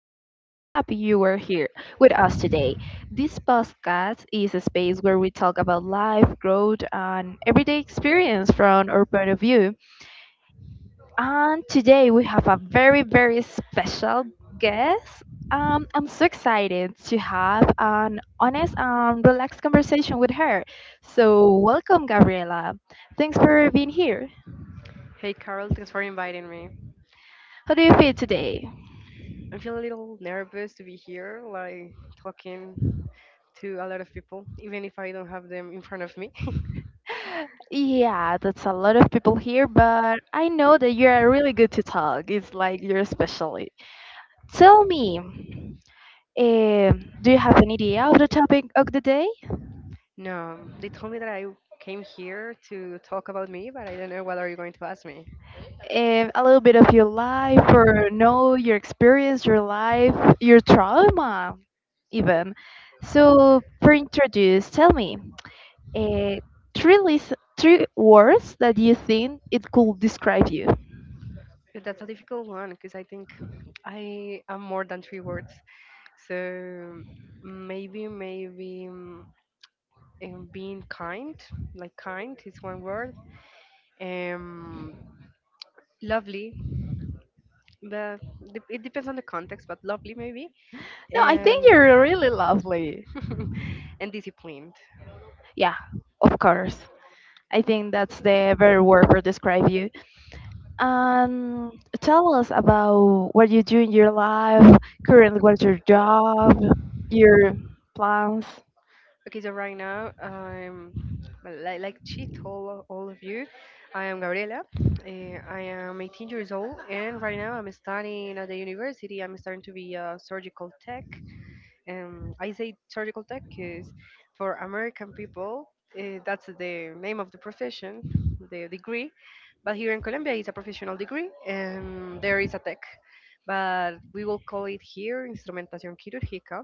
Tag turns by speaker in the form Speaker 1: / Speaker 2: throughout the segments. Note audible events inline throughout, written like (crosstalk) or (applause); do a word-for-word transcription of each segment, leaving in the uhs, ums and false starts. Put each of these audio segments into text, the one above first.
Speaker 1: We're really happy you are here with us today. This podcast is a space where we talk about life, growth, and everyday experience from our point of view. And today we have a very, very special guest. Um, I'm so excited to have an honest and relaxed conversation with her. So, welcome, Gabriela. Thanks for being here.
Speaker 2: Hey Carol, thanks for inviting me.
Speaker 1: How do you feel today?
Speaker 2: I feel a little nervous to be here, like talking to a lot of people, even if I don't have them in front of me. (laughs)
Speaker 1: Yeah, that's a lot of people here, but I know that you are really good to talk. It's like you're specially. Tell me, um, do you have an idea of the topic of the day?
Speaker 2: No, they told me that I came here to talk about me, but I don't know what are you going to ask me.
Speaker 1: Um, a little bit of your life, or know your experience, your life, your trauma, even. So, for introduce, tell me, uh, three list, three words that you think it could describe you.
Speaker 2: But that's a difficult one because I think I am more than three words. So maybe, maybe um, um, being kind, like kind is one word. Um, Lovely, but dep- it depends on the context, but lovely maybe,
Speaker 1: No, I think
Speaker 2: and
Speaker 1: you're really lovely.
Speaker 2: (laughs) and disciplined.
Speaker 1: Yeah, of course. I think that's the better word for describe you. Um, Tell us about what you do in your life, currently what's your job, your plans.
Speaker 2: Okay, so right now I'm like, like she told all of you, I am Gabriela. eh, I am eighteen years old, and right now I'm studying at the university. I'm starting to be a surgical tech. Um, I say surgical tech because for American people, uh, that's the name of the profession, the degree. But here in Colombia, it's a professional degree, and there is a tech. But we will call it here instrumentación quirúrgica.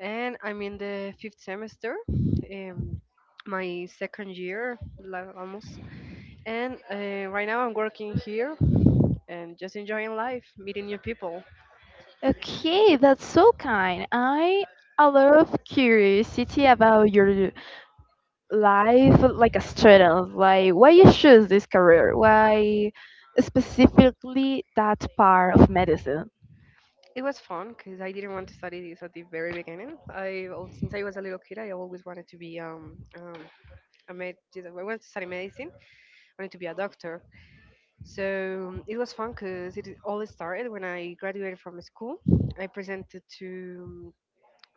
Speaker 2: And I'm in the fifth semester, um, my second year, la- almost. And uh, right now, I'm working here and just enjoying life, meeting new people.
Speaker 1: Okay, that's so kind. I a lot of curiosity about your life, like a student. Like, why you choose this career? Why specifically that part of medicine?
Speaker 2: It was fun because I didn't want to study this at the very beginning. I al- since I was a little kid, I always wanted to be um, um a med. I wanted to study medicine. I wanted to be a doctor. So it was fun because it all started when I graduated from school. I presented to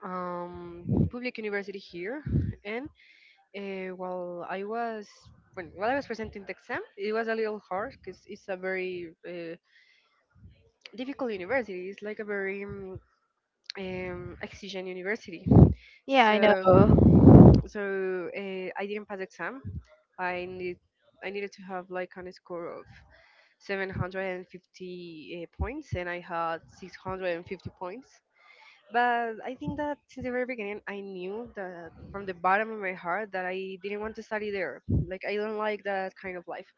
Speaker 2: um, public university here, and uh, while I was when while I was presenting the exam, it was a little hard because it's a very uh, difficult university. It's like a very um, um, exigent university. Yeah.
Speaker 1: Yeah, I
Speaker 2: So
Speaker 1: know.
Speaker 2: so uh, I didn't pass exam. I need I needed to have like on a score of seven hundred fifty uh, points, and I had six hundred fifty points. But I think that since the very beginning, I knew that from the bottom of my heart that I didn't want to study there. Like I don't like that kind of life.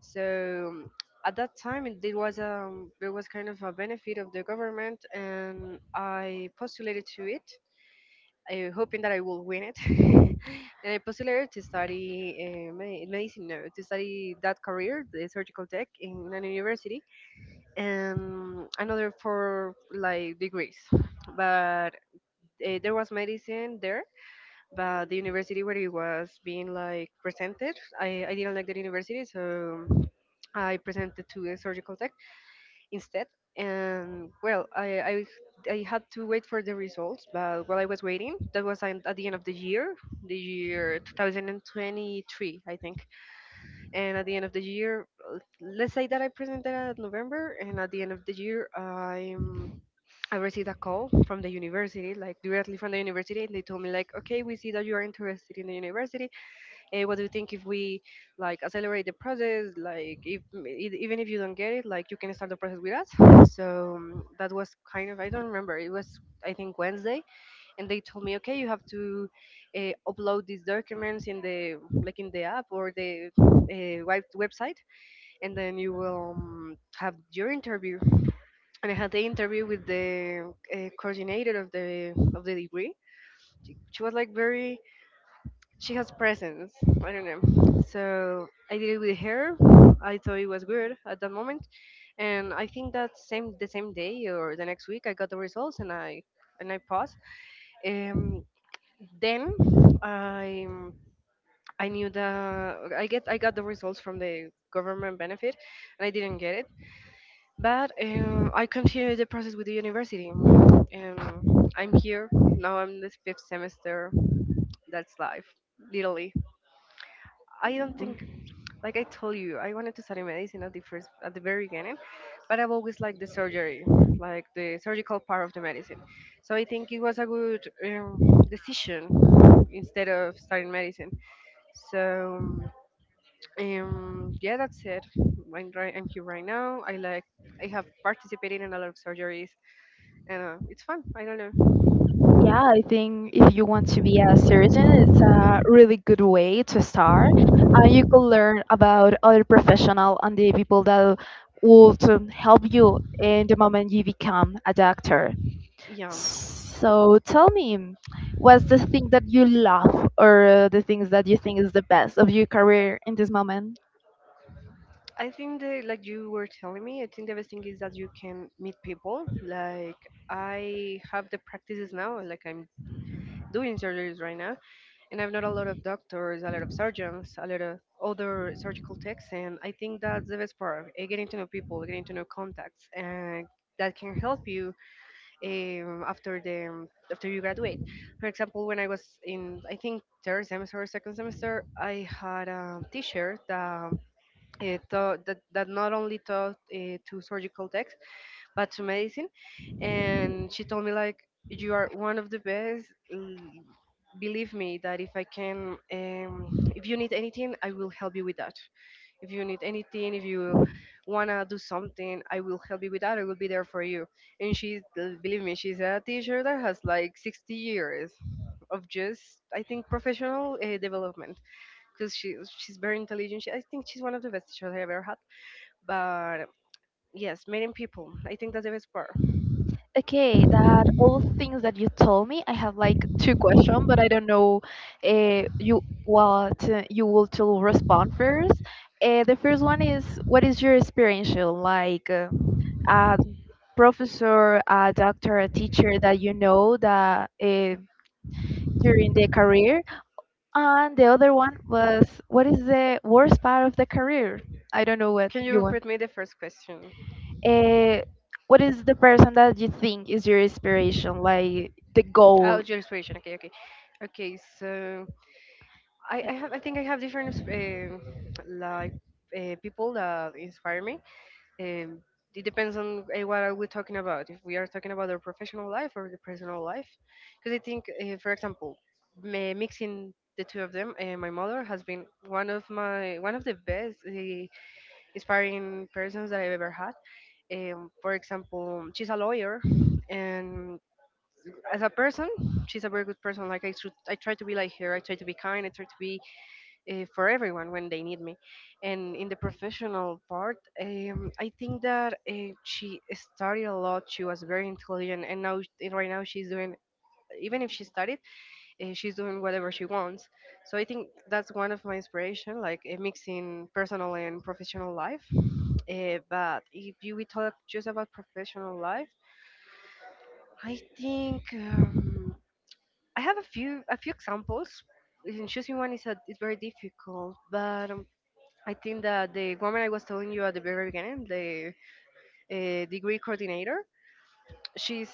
Speaker 2: So at that time, it, it was um there was kind of a benefit of the government, and I postulated to it, I hoping that I will win it. (laughs) And I postulated to study uh, me- medicine, no, to study that career, the surgical tech, in an university, and another for like degrees. But uh, there was medicine there, but the university where it was being like presented, I, I didn't like that university, so I presented to the surgical tech instead. And well, I, I I had to wait for the results, but while I was waiting, that was an- at the end of the year, the year twenty twenty-three, I think. And at the end of the year, uh, let's say that I presented at November, and at the end of the year, I'm I received a call from the university, like directly from the university, and they told me like, okay, we see that you are interested in the university. Eh, what do you think if we like accelerate the process, like if e- even if you don't get it, like you can start the process with us? So um, that was kind of, I don't remember, it was, I think, Wednesday. And they told me, okay, you have to uh, upload these documents in the, like in the app or the uh, web- website, and then you will um, have your interview. And I had the interview with the uh, coordinator of the of the degree. She was like very, she has presence. I don't know. So I did it with her. I thought it was good at that moment, and I think that same the same day or the next week I got the results, and I and I paused. Um, then I I knew the I get I got the results from the government benefit, and I didn't get it. But um, I continued the process with the university, and I'm here now. I'm the fifth semester. That's life, literally. I don't think. Like I told you, I wanted to study medicine at the first, at the very beginning, but I've always liked the surgery, like the surgical part of the medicine. So I think it was a good um, decision instead of studying medicine. So um, yeah, that's it. I'm, right, I'm here right now. I like, I have participated in a lot of surgeries, and uh, it's fun. I don't know.
Speaker 1: Yeah, I think if you want to be a surgeon, it's a really good way to start. And you could learn about other professional and the people that will to help you in the moment you become a doctor.
Speaker 2: Yeah,
Speaker 1: So tell me, what's the thing that you love or uh, the things that you think is the best of your career in this moment?
Speaker 2: I think that, like you were telling me, I think the best thing is that you can meet people. Like I have the practices now, like I'm doing surgeries right now, and I've known a lot of doctors, a lot of surgeons, a lot of other surgical techs, and I think that's the best part: eh, getting to know people, getting to know contacts, and that can help you um, after the after you graduate. For example, when I was in, I think, third semester or second semester, I had a teacher that. It taught, that, that not only taught uh, to surgical techs, but amazing. And she told me like, you are one of the best. Mm, believe me that if I can, um, if you need anything, I will help you with that. If you need anything, if you wanna do something, I will help you with that. I will be there for you. And she, believe me, she's a teacher that has like sixty years of just, I think, professional uh, development, because she she's very intelligent. She, I think she's one of the best teachers I ever had. But yes, meeting people, I think that's the best part.
Speaker 1: Okay, that all things that you told me, I have like two questions, but I don't know uh, you what uh, you will to respond first. Uh, the first one is what is your experiential like uh, a professor, a doctor, a teacher that you know that uh, during the career. And the other one was, what is the worst part of the career? I don't know what
Speaker 2: Can you
Speaker 1: you want.
Speaker 2: repeat me the first question?
Speaker 1: Uh, what is the person that you think is your inspiration, like the
Speaker 2: Oh,
Speaker 1: goal?
Speaker 2: your inspiration. Okay, okay, okay. So, I, I
Speaker 1: Eh,
Speaker 2: have, I think I have different uh, like uh, people that inspire me. Um, it depends on uh, what are we talking about. If we are talking about our professional life or the personal life, because I think, uh, for example, ma- mixing the two of them, uh, my mother has been one of my one of the best uh, inspiring persons that I've ever had. Um, for example, she's a lawyer, and as a person, she's a very good person. Like I, should, I try to be like her. I try to be kind. I try to be uh, for everyone when they need me. And in the professional part, um, I think that uh, she studied a lot. She was very intelligent, and now and right now she's doing. Even if she studied, eh, she's doing whatever she wants. So I think that's one of my inspiration, like eh, mixing personal and professional life. Eh, but if you we talk just about professional life, I think um, I have a few a few examples. And choosing one is a, is very difficult, but um, I think that the woman I was telling you at the very beginning, the uh, degree coordinator, she's,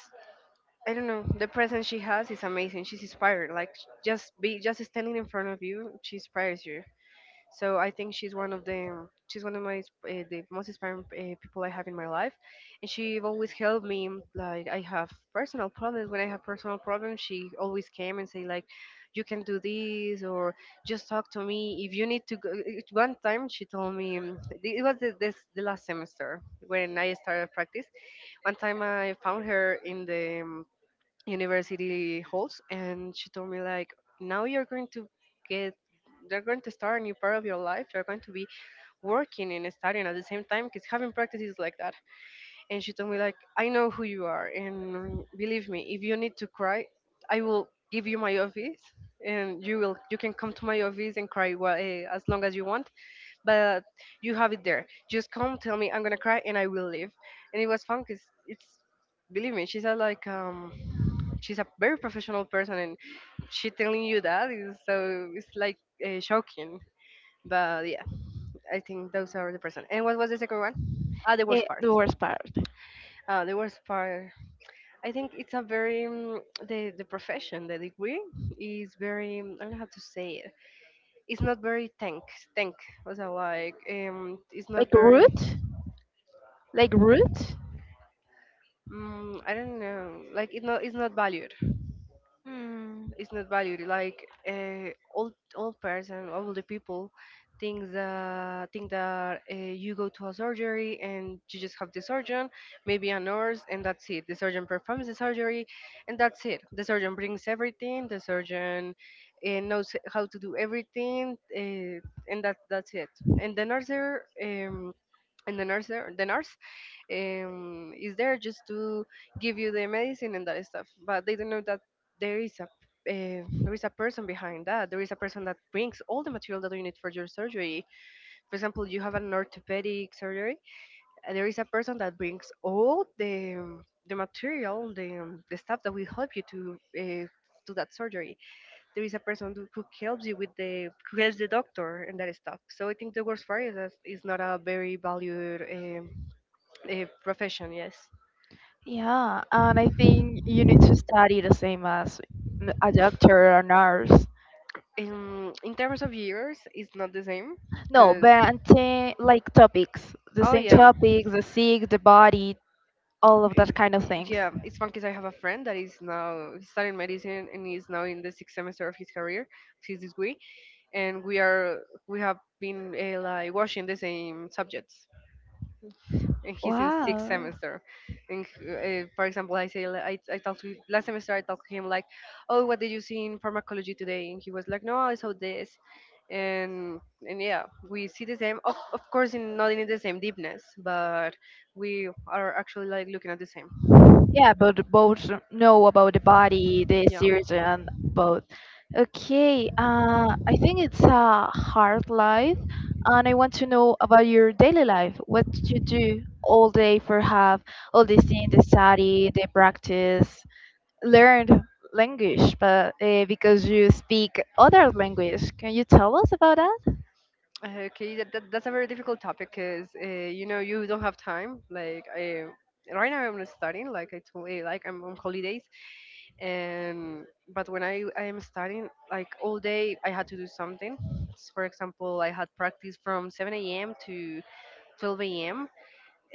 Speaker 2: I don't know, the presence she has is amazing. She's inspired. Like just be just standing in front of you, she inspires you. So I think she's one of the she's one of my uh, the most inspiring uh, people I have in my life, and she always helped me. Like I have personal problems. When I have personal problems, she always came and say like, "You can do this," or "Just talk to me if you need to." Go. It- One time she told me, um, it was the, this the last semester when I started practice. One time I found her in the mm, university holds, and she told me like, now you're going to get they're going to start a new part of your life. You're going to be working and studying at the same time because having practice is like that. And she told me like, I know who you are, and believe me, if you need to cry, I will give you my office, and you will you can come to my office and cry, well, eh, as long as you want. But you have it there, just come tell me, I'm gonna cry, and I will leave. And it was fun because it's believe me, she said like um she's a very professional person, and she telling you that is so, it's like uh, shocking. But yeah, I think those are the person. And what was the second one? Ah, the
Speaker 1: eh,
Speaker 2: worst part.
Speaker 1: the worst part.
Speaker 2: Uh, the worst part. I think it's a very um, the the profession, the degree is very um, I don't know how to say it. It's not very tank. Tank was I, like, um it's not
Speaker 1: Like
Speaker 2: very...
Speaker 1: root? Like root?
Speaker 2: mm, I don't know, like, it not it's not valued.
Speaker 1: Hmm.
Speaker 2: It's not valued, like, uh, old old person, all the people think that think that uh, you go to a surgery and you just have the surgeon, maybe a nurse, and that's it. The surgeon performs the surgery, and that's it. The surgeon brings everything, the surgeon uh, knows how to do everything, uh, and that that's it. And the nurse um, and the nurse there, the nurse um, is there just to give you the medicine and that stuff. But they don't know that there is a uh, there is a person behind that. There is a person that brings all the material that you need for your surgery. For example, you have an orthopedic surgery, and there is a person that brings all the um, the material the, um, the stuff that will help you to uh, do that surgery. There is a person who who helps you with the who helps the doctor and that stuff. So I think the worst part is that it's not a very valued um, uh, profession, yes.
Speaker 1: Yeah, and I think you need to study the same as n- a doctor or nurse.
Speaker 2: In in terms of years, it's not the same
Speaker 1: No,
Speaker 2: because,
Speaker 1: but uh, like topics, the
Speaker 2: oh
Speaker 1: same
Speaker 2: yeah,
Speaker 1: topics, the sick, the body, all of that
Speaker 2: i-
Speaker 1: kind of things.
Speaker 2: yeah. It's fun because I have a friend that is now he's studying medicine, and he's now in the sixth semester of his career, his degree, and we are we have been uh, like watching the same subjects. And he's in sixth
Speaker 1: Wow.
Speaker 2: semester. And uh, for example, I say li- I, I talked to last semester. I talked to him like, "Oh, what did you see in pharmacology today?" And he was like, "No, I saw this." And and yeah, we see the same. Of of course, in, not in the same deepness, but we are actually like looking at the same.
Speaker 1: Yeah, but both know about the body, the
Speaker 2: Yeah.
Speaker 1: surgeon, both. Okay, uh, I think it's a hard life, and I want to know about your daily life. What you do all day for have all the thing, the study, the practice, learned language, but uh, because you speak other language, can you tell us about.
Speaker 2: Uh, Okay, that, that, that's a very difficult topic because uh, you know you don't have time. Like I Right now I'm not studying. Like I told you, like I'm on holidays, and but when I, I am studying, like all day, I had to do something. S- for example, I had practice from seven a.m to twelve a.m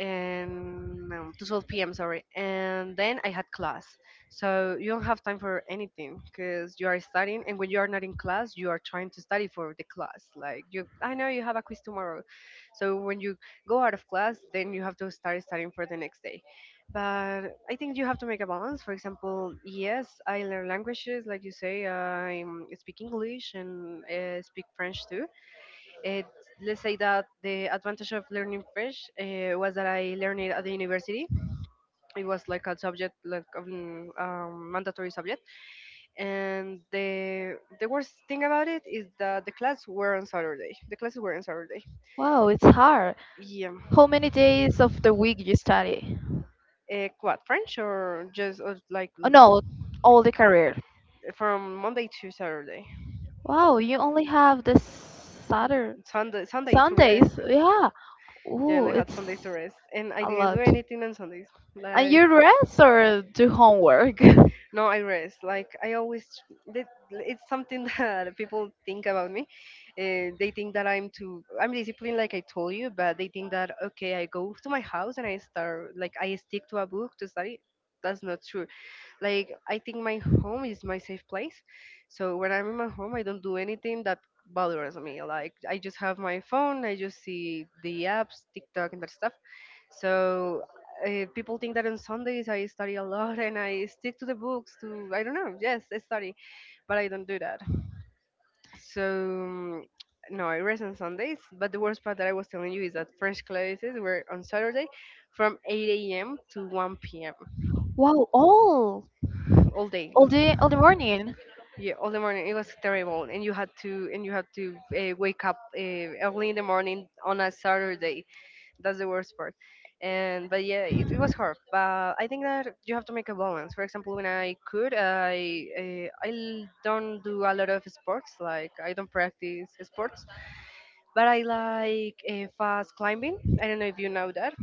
Speaker 2: and no, to twelve p m. Sorry, and then I had class, so you don't have time for anything because you are studying, and when you are not in class, you are trying to study for the class. Like you, I know you have a quiz tomorrow, so when you go out of class, then you have to start studying for the next day. But I think you have to make a balance. For example, yes, I learn languages, like you say, I um, speak English and uh, speak French too. it, let's say that the advantage of learning French uh, was that I learned it at the university. It was like a subject, like, um, um, mandatory subject. And the the worst thing about it is that the class were on Saturday. The classes were on Saturday.
Speaker 1: Wow, it's hard.
Speaker 2: Yeah.
Speaker 1: How many days of the week you study?
Speaker 2: Uh, what, French or just or like
Speaker 1: Oh,
Speaker 2: l-
Speaker 1: no, all the career.
Speaker 2: from Monday to Saturday,
Speaker 1: Wow, you only have the Saturday.
Speaker 2: Sunday Sunday to rest.
Speaker 1: Sundays. Yeah.
Speaker 2: Yeah, and
Speaker 1: Ooh,
Speaker 2: I had
Speaker 1: it's
Speaker 2: Sundays to rest, and I
Speaker 1: a
Speaker 2: didn't do
Speaker 1: lot.
Speaker 2: anything on Sundays.
Speaker 1: And
Speaker 2: Like
Speaker 1: you rest or do homework? (laughs)
Speaker 2: No, I rest. Like, I always, that- it's something (laughs) that people think about me. Uh, they think that I'm too, I'm disciplined, like I told you, but they think that, okay, I go to my house and I start, like I stick to a book to study. That's not true. Like, I think my home is my safe place. So when I'm in my home, I don't do anything that bothers me. Like, I just have my phone, I just see the apps, TikTok, and that stuff. So uh, people think that on Sundays I study a lot (laughs) and I stick to the books. To I don't know, yes, I study, but I don't do that. So mm, no, I rest on Sundays. But the worst part that I was telling you is that French classes were on Saturday from eight a m to one p m
Speaker 1: Wow, all
Speaker 2: All day.
Speaker 1: all day, all the morning.
Speaker 2: Yeah, all the morning, it was terrible, and you had to and you had to uh, wake up uh, early in the morning on a Saturday. That's the worst part. And but yeah, it, it was hard. But I think that you have to make a balance. For example, when I could, I uh, I l- don't do a lot of sports. Like, I don't practice sports, but I like uh, fast climbing. I don't know if you know that.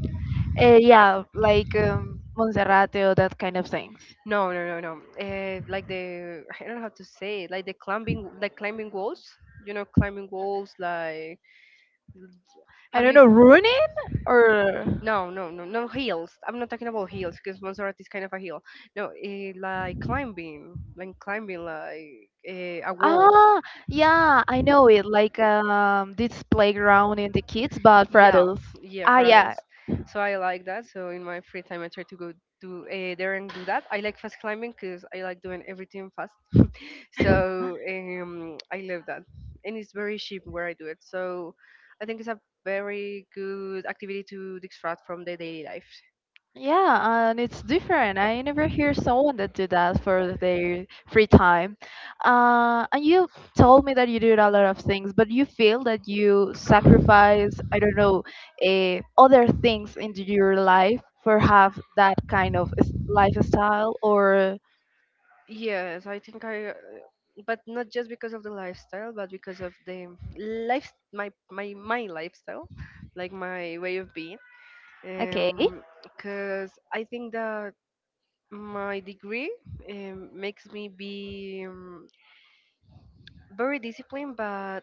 Speaker 1: Uh, yeah, like um, Monserrate or that kind of things.
Speaker 2: No, no, no, no. Uh, like the I don't know how to say it. Like the climbing, like climbing walls. You know, climbing walls, like,
Speaker 1: I
Speaker 2: have
Speaker 1: don't
Speaker 2: you?
Speaker 1: know, ruining or.
Speaker 2: No, no, no, no hills. I'm not talking about hills because Montserrat is kind of a hill. No, eh, like climbing, like climbing, like eh, a wall.
Speaker 1: Ah, yeah, I know it. Like um, this playground in the kids, but for
Speaker 2: Yeah,
Speaker 1: adults.
Speaker 2: yeah,
Speaker 1: Ah,
Speaker 2: for
Speaker 1: yeah,
Speaker 2: adults. So I like that. So in my free time, I try to go do uh, there and do that. I like fast climbing because I like doing everything fast. So um, I love that, and it's very cheap where I do it. So I think it's a very good activity to distract from the daily life.
Speaker 1: yeah, and it's different. I never hear someone that do that for their free time. Uh, and you told me that you do a lot of things, but you feel that you sacrifice, I don't know, uh, other things into your life for have that kind of s- lifestyle, or
Speaker 2: Yes, I think I, uh, but not just because of the lifestyle, but because of the life, my my my lifestyle, like my way of being.
Speaker 1: okay.
Speaker 2: Um, because I think that my degree um, makes me be um, very disciplined, but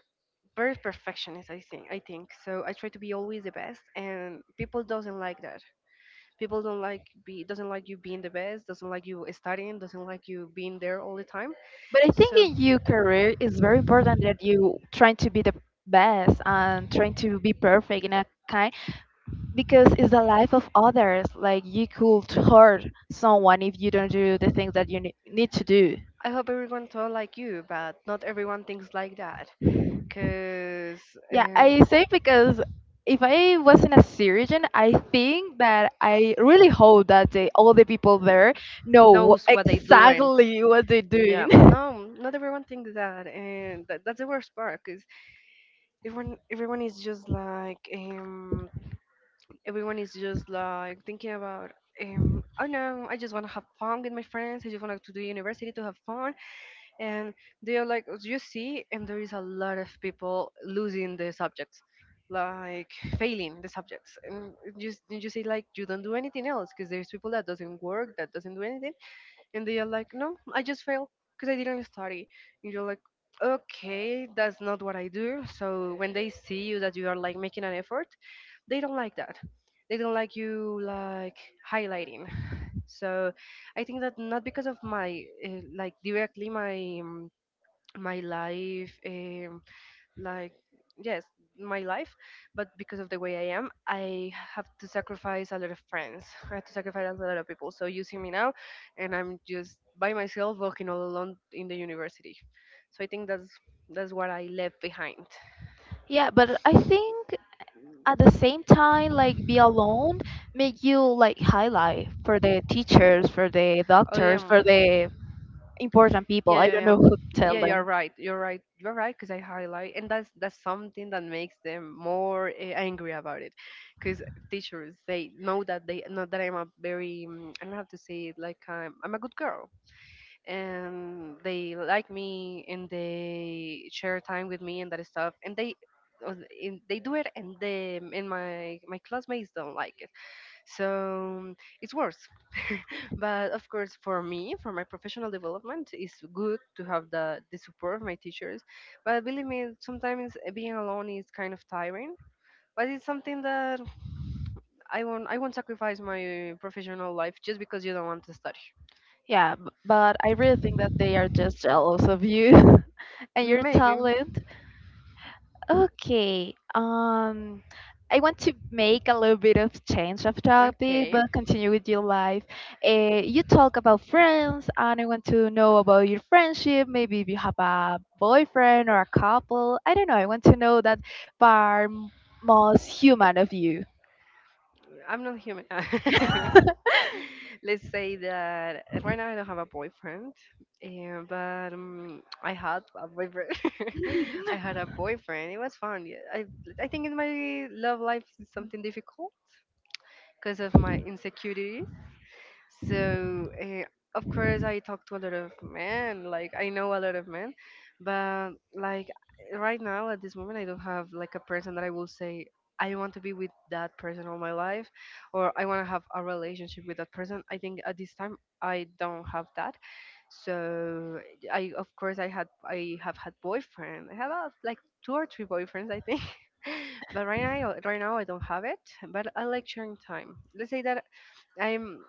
Speaker 2: very perfectionist. I think i think so, I try to be always the best, and people doesn't like that. People don't like be doesn't like you being the best, doesn't like you studying, doesn't like you being there all the time.
Speaker 1: But I think
Speaker 2: So
Speaker 1: in your career, it's very important that you trying to be the best and trying to be perfect in a kind because it's the life of others. Like you could hurt someone if you don't do the things that you ne- need to do.
Speaker 2: I hope everyone thought like you, but not everyone thinks like that because
Speaker 1: Yeah,
Speaker 2: uh,
Speaker 1: I say because if I wasn't a surgeon, I think that I really hope that they, all the people there know
Speaker 2: knows
Speaker 1: wh-
Speaker 2: what they doing.
Speaker 1: exactly what they're
Speaker 2: Yeah,
Speaker 1: doing. (laughs)
Speaker 2: no, not everyone thinks that, and that, that's the worst part because everyone everyone is just like um everyone is just like thinking about um, I know, I just want to have fun with my friends. I just want to do university to have fun, and they are like, "Oh, you see, and there is a lot of people losing the subjects, like failing the subjects, and you just you see, like, you don't do anything else because there's people that doesn't work, that doesn't do anything, and they are like, no, I just failed because I didn't study." And you're like, okay, that's not what I do. So when they see you that you are like making an effort, they don't like that. They don't like you, like, highlighting. So I think that, not because of my uh, like directly my um, my life. Um, like yes, my life, but because of the way I am, I have to sacrifice a lot of friends, I have to sacrifice a lot of people. So you see me now, and I'm just by myself walking all alone in the university. So I think that's that's what I left behind.
Speaker 1: Yeah, but I think at the same time like be alone make you like highlight for the teachers, for the
Speaker 2: I
Speaker 1: doctors,
Speaker 2: am.
Speaker 1: for the important people.
Speaker 2: Yeah,
Speaker 1: I
Speaker 2: yeah,
Speaker 1: don't
Speaker 2: yeah.
Speaker 1: know
Speaker 2: um,
Speaker 1: who to tell
Speaker 2: Yeah, you're
Speaker 1: them.
Speaker 2: right. You're right. You're right because I highlight, and that's that's something that makes them more uh, angry about it, because teachers, they know that, they know that I'm a very mm, I don't have to say it, like, I'm I'm a good girl, and they like me and they share time with me and that stuff, and they uh, in- they do it, and they and my my classmates don't like it, so it's worse. But of course, for me, for my professional development, it's good to have the, the support of my teachers, but believe me, sometimes being alone is kind of tiring. But it's something that i won't i won't sacrifice my professional life just because you don't want to study.
Speaker 1: Yeah, b- but I really think that they are just jealous of you (laughs) and your
Speaker 2: Maybe.
Speaker 1: talent. Okay. Um, I want to make a little bit of change of topic,
Speaker 2: Okay.
Speaker 1: but continue with your life. Uh, you talk about friends, and I want to know about your friendship. Maybe if you have a boyfriend or a couple. I don't know. I want to know that part m- most human of you.
Speaker 2: I'm not human. (laughs)
Speaker 1: (laughs)
Speaker 2: (laughs) Let's say that eh, right now I don't have a boyfriend, and, but um, I had a boyfriend. (laughs) I had a boyfriend. It was fun. Yeah, I I think in my love life is something difficult because of my insecurity. So, uh, of course, I talk to a lot of men. Like, I know a lot of men, but, like, right now at this moment, I don't have like a person that I will say I want to be with that person all my life, or I want to have a relationship with that person. I think at this time I don't have that. So, I of course I had I have had boyfriend. I have uh, like two or three boyfriends, I think. (laughs) But right now, right now I don't have it. But I like sharing time. Let's say that I'm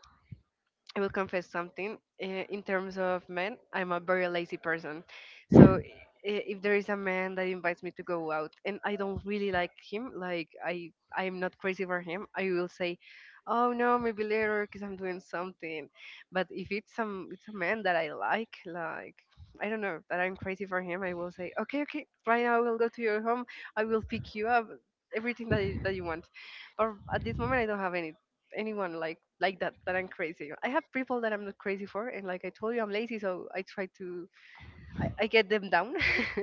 Speaker 2: I will confess something. eh, In terms of men, I'm a very lazy person. So i- if there is a man that invites me to go out and I don't really like him, like I I am not crazy for him, I will say, "Oh no, maybe later because I'm doing something." But if it's some it's a man that I like, like I don't know that I'm crazy for him, I will say, "Okay, okay, right now I will go to your home. I will pick you up." Everything that you, that you want, but at this moment I don't have any anyone like like that that I'm crazy. I have people that I'm not crazy for, and like I told you, I'm lazy, so I try to I, I get them down. (laughs)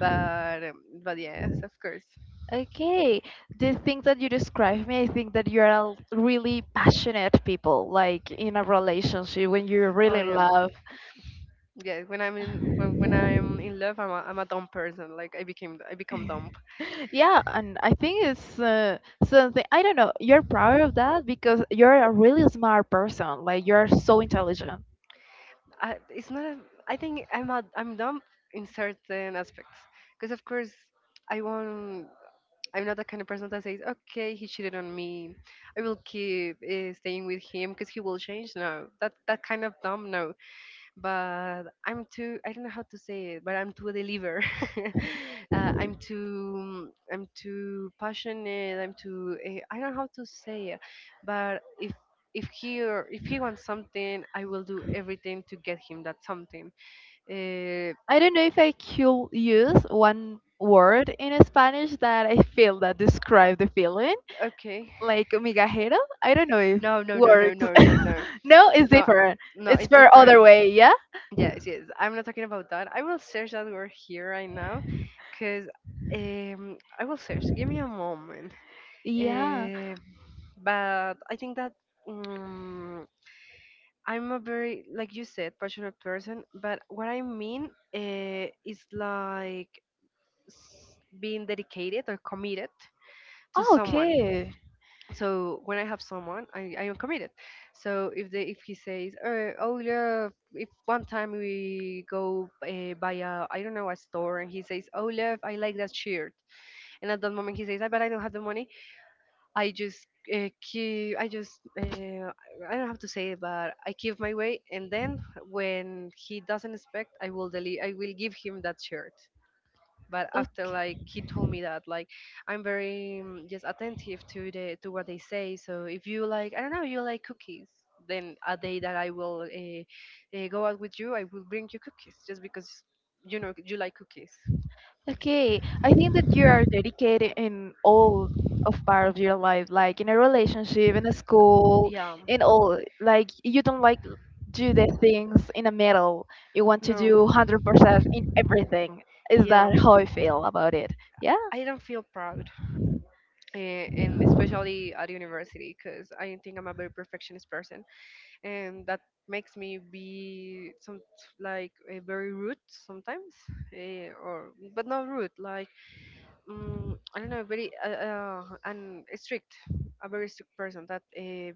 Speaker 2: but um, but yes, of course.
Speaker 1: Okay, the things that you describe me, I think that you're a really passionate people, like in a relationship when you're really
Speaker 2: Oh
Speaker 1: in
Speaker 2: yeah.
Speaker 1: love.
Speaker 2: Yeah, when I'm in when, when I'm in love, I'm a, I'm a dumb person. Like I became I become dumb.
Speaker 1: (laughs) Yeah, and I think it's uh, something I don't know. You're proud of that because you're a really smart person. Like you're so intelligent.
Speaker 2: I, it's not. A, I think I'm a, I'm dumb in certain aspects, because of course I want I'm not the kind of person that says, "Okay, he cheated on me. I will keep uh, staying with him because he will change." No, that that kind of dumb. No, but I'm too. I don't know how to say it, but I'm too deliver. (laughs) uh, I'm too. I'm too passionate. I'm too. Uh, I don't know how to say it, but if if he or if he wants something, I will do everything to get him that something. Uh,
Speaker 1: I don't know if I could use one word in Spanish that I feel that describe the feeling,
Speaker 2: okay.
Speaker 1: like migajero. I don't know if
Speaker 2: No, no, no, no,
Speaker 1: works.
Speaker 2: no, no,
Speaker 1: (laughs)
Speaker 2: no.
Speaker 1: No, it's
Speaker 2: No,
Speaker 1: different.
Speaker 2: no,
Speaker 1: It's
Speaker 2: it's
Speaker 1: for other
Speaker 2: different.
Speaker 1: way. Yeah.
Speaker 2: Yes, yes. I'm not talking about that. I will search that word here right now, cause um, I will search. Give me a moment.
Speaker 1: Yeah.
Speaker 2: Um, but I think that um, I'm a very, like you said, passionate person. But what I mean uh, is like s- being dedicated or committed to
Speaker 1: Oh,
Speaker 2: someone.
Speaker 1: okay.
Speaker 2: So when I have someone, i, I am committed. So if they if he says, uh, oh love, if one time we go uh, by a, I don't know, a store, and he says, oh love, I like that shirt, and at that moment he says, I but I don't have the money. I just uh, keep, I just uh, I don't have to say it, but I keep my way, and then when he doesn't expect, i will delete I will give him that shirt. But after, like,
Speaker 1: Okay.
Speaker 2: he told me that, like, I'm very, mm, just attentive to the to what they say. So if you, like, I don't know, you like cookies, then a day that I will uh, uh, go out with you, I will bring you cookies just because you know you like cookies.
Speaker 1: Okay, I think that you are dedicated in all of part of your life, like in a relationship, in a school,
Speaker 2: Yeah.
Speaker 1: in all. Like you don't like do the things in the middle. You want to
Speaker 2: No.
Speaker 1: do one hundred percent in everything. Is
Speaker 2: Yeah.
Speaker 1: that how I feel about it? Yeah.
Speaker 2: I don't feel proud, eh, and especially at university, because I think I'm a very perfectionist person, and that makes me be some, like, eh, very rude sometimes, eh, or, but not rude, like, mm I don't know, very uh, uh, and strict, a very strict person that uh,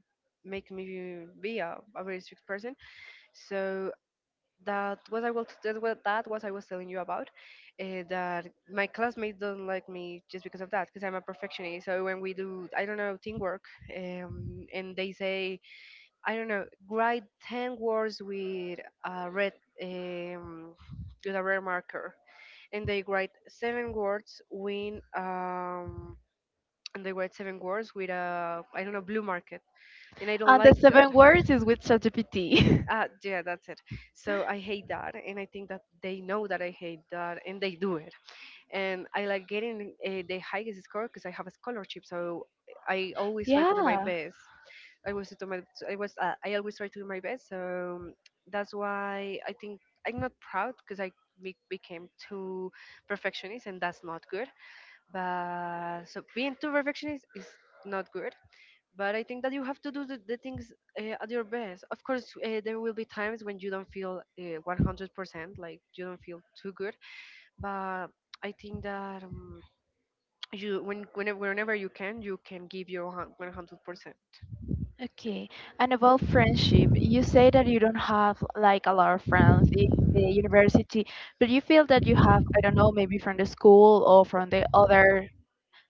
Speaker 2: make me be a, a very strict person. So that was I was that was, that was I was telling you about uh, that my classmates don't like me just because of that, because I'm a perfectionist. So when we do, I don't know, teamwork, um, and they say, I don't know, write ten words with a red, um, with a red marker, and they write seven words with um, and they write seven words with a, I don't know, blue marker, and I don't
Speaker 1: And the
Speaker 2: like that.
Speaker 1: seven words is with ChatGPT.
Speaker 2: Uh, yeah, that's it. So I hate that, and I think that they know that I hate that, and they do it. And I like getting uh, the highest score because I have a scholarship, so I
Speaker 1: (laughs)
Speaker 2: always try to do my
Speaker 1: Yeah.
Speaker 2: best. I always do my, I was, uh, I always try to do my best. So that's why I think I'm not proud, because I be- became too perfectionist, and that's not good. But so being too perfectionist is not good, but I think that you have to do the, the things uh, at your best. Of course, uh, there will be times when you don't feel uh, one hundred percent, like you don't feel too good. But I think that um, you, when whenever, whenever you can, you can give your one hundred percent.
Speaker 1: Okay, and about friendship, you say that you don't have like a lot of friends in the university, but you feel that you have, I don't know, maybe from the school or from the other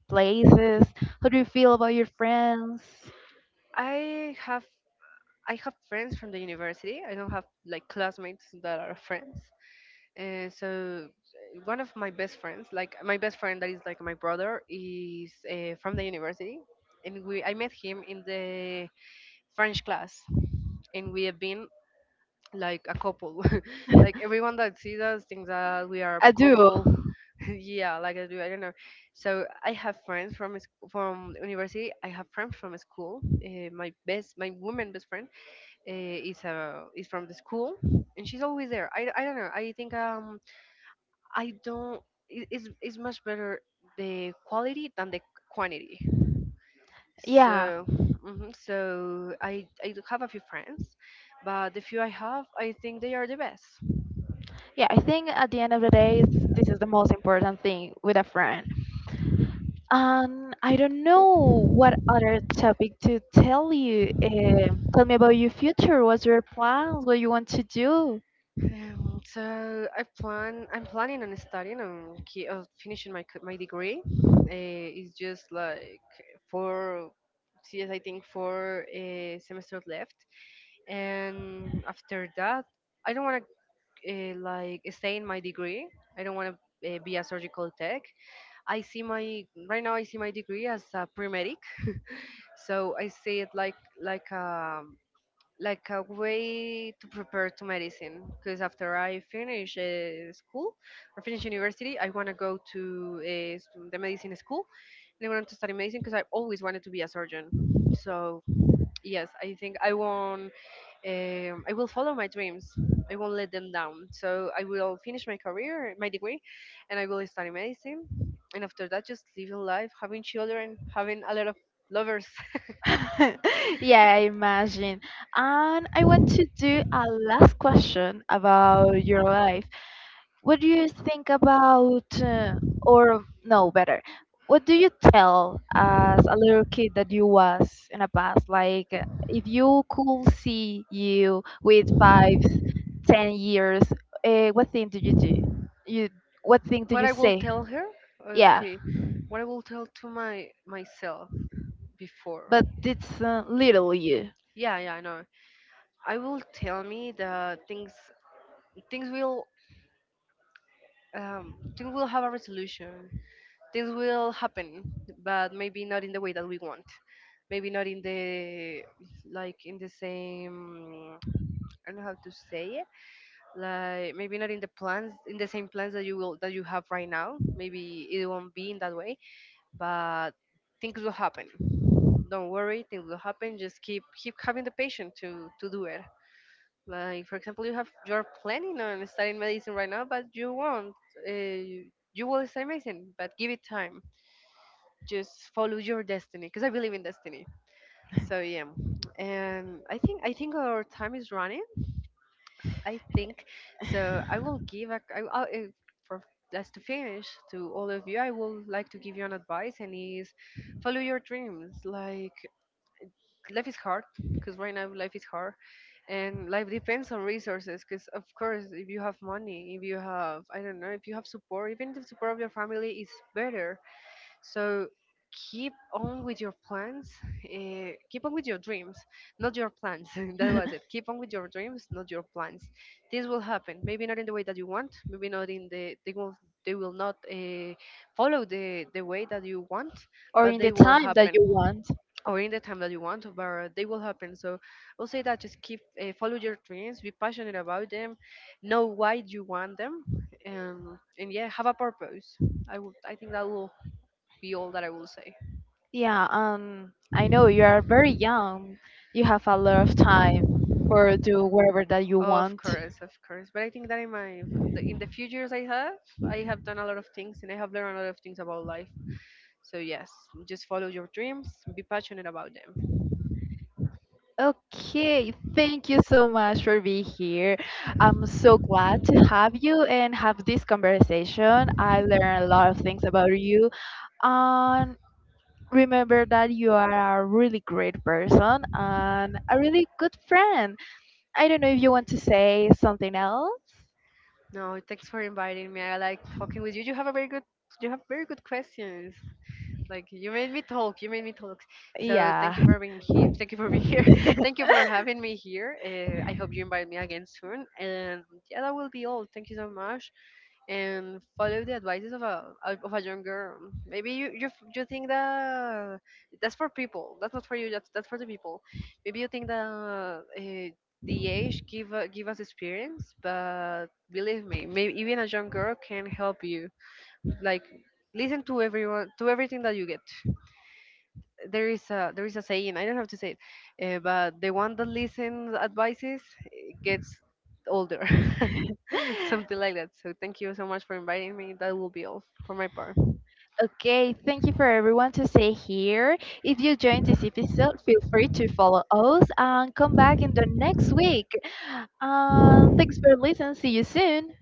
Speaker 1: places. How do you feel about your friends?
Speaker 2: I have I have friends from the university. I don't have like classmates that are friends. Uh, so uh, one of my best friends, like my best friend that is like my brother, is uh, from the university, and we I met him in the French class, and we have been like a couple. (laughs) Like everyone that
Speaker 1: (laughs)
Speaker 2: sees us thinks that we are
Speaker 1: I
Speaker 2: a
Speaker 1: do.
Speaker 2: couple. (laughs) Yeah, like I do. I don't know. So I have friends from s- from university. I have friends from school. Uh, my best, my woman best friend uh, is uh, is from the school, and she's always there. I, I don't know. I think, um I don't. It, it's it's much better the quality than the quantity.
Speaker 1: Yeah.
Speaker 2: So, mhm, so I I do have a few friends, but the few I have, I think they are the best.
Speaker 1: Yeah, I think at the end of the day, it's this is the most important thing with a friend. Um, I don't know what other topic to tell you. Um, tell me about your future. What's your plans? What you want to do?
Speaker 2: Um, so I plan I'm planning on studying on ki- of finishing my c- my degree. Uh, it's just like four, yes, I think four uh, semesters left, and after that, I don't want to uh, like stay in my degree. I don't want to. Uh, be a surgical tech. I see my Right now, I see my degree as a pre medic. So I see it like like a like a way to prepare to medicine, because after I finish uh, school, or finish university, I want to go to uh, s- the medicine school, and I want to study medicine because I always wanted to be a surgeon. So yes, I think I won't. Um, I will follow my dreams. I won't let them down. So I will finish my career, my degree, and I will study medicine. And after that, just living life, having children, having a lot of lovers.
Speaker 1: (laughs) Yeah, I imagine. And I want to do a last question about your life. What do you think about, uh, or no, better, what do you tell as a little kid that you was in the past? Like, uh, if you could see you with five, ten years, uh, what thing did you do? You, what thing did
Speaker 2: What
Speaker 1: you
Speaker 2: I will
Speaker 1: say?
Speaker 2: tell her?
Speaker 1: Yeah,
Speaker 2: Okay. What I will tell to my myself before.
Speaker 1: but it's uh, little you.
Speaker 2: Yeah, yeah, I know. I will tell me that things things will um things will have a resolution. Things will happen, but maybe not in the way that we want. Maybe not in the like in the same, I don't know how to say it. Like, maybe not in the plans in the same plans that you will that you have right now. Maybe it won't be in that way. But things will happen. Don't worry, things will happen. Just keep keep having the patience to to do it. Like for example, you have you're planning on studying medicine right now, but you won't. Uh, you will study medicine, but give it time. Just follow your destiny, because I believe in destiny. So yeah, and I think I think our time is running. I think so. I will give a I, I, I- For us to finish, to all of you, I will like to give you an advice, and is, follow your dreams. Like, life is hard, because right now life is hard, and life depends on resources, because of course if you have money, if you have I don't know, if you have support, even the support of your family, is better. So keep on with your plans, uh, keep on with your dreams, not your plans. (laughs) That was
Speaker 1: (laughs)
Speaker 2: it. Keep on with your dreams, not your plans. This will happen, maybe not in the way that you want, maybe not in the they will they will not uh, follow the the way that you want,
Speaker 1: Or
Speaker 2: but
Speaker 1: in
Speaker 2: they
Speaker 1: the
Speaker 2: will
Speaker 1: time that
Speaker 2: happen,
Speaker 1: you want.
Speaker 2: or in the time that you want, but they will happen. So I'll say that, just keep, uh, follow your dreams, be passionate about them, know why you want them, and and yeah, have a purpose. i would I think that will be all that I will say.
Speaker 1: Yeah, um, I know you are very young. You have a lot of time for do whatever that you
Speaker 2: Of
Speaker 1: want.
Speaker 2: course, of course, but I think that in my the, in the few years i have i have done a lot of things, and I have learned a lot of things about life. So yes, just follow your dreams, be passionate about them.
Speaker 1: Okay, thank you so much for being here. I'm so glad to have you and have this conversation. I learned a lot of things about you. And remember that you are a really great person and a really good friend. I don't know if you want to say something else.
Speaker 2: No, thanks for inviting me. I like talking with you. You have a very good You have very good questions. Like, you made me talk, you made me talk. So thank
Speaker 1: Yeah.
Speaker 2: you for being here. Thank you for being here. (laughs) Thank you for having
Speaker 1: (laughs)
Speaker 2: me here. Uh, I hope you invite me again soon. And yeah, that will be all. Thank you so much. And follow the advices of a of a young girl. Maybe you you, f- you think that that's for people. That's not for you. That's that's for the people. Maybe you think that uh, the age give uh, give us experience, but believe me, maybe even a young girl can help you. Like, listen to everyone, to everything that you get. There is a there is a saying, I don't have to say it, uh, but the one that listens advices, eh, gets older. (laughs) Something like that. So thank you so much for inviting me. That will be all for my part.
Speaker 1: Okay, thank you for everyone to stay here. If you joined this episode, feel free to follow us and come back in the next week. Um, thanks for listening. See you soon.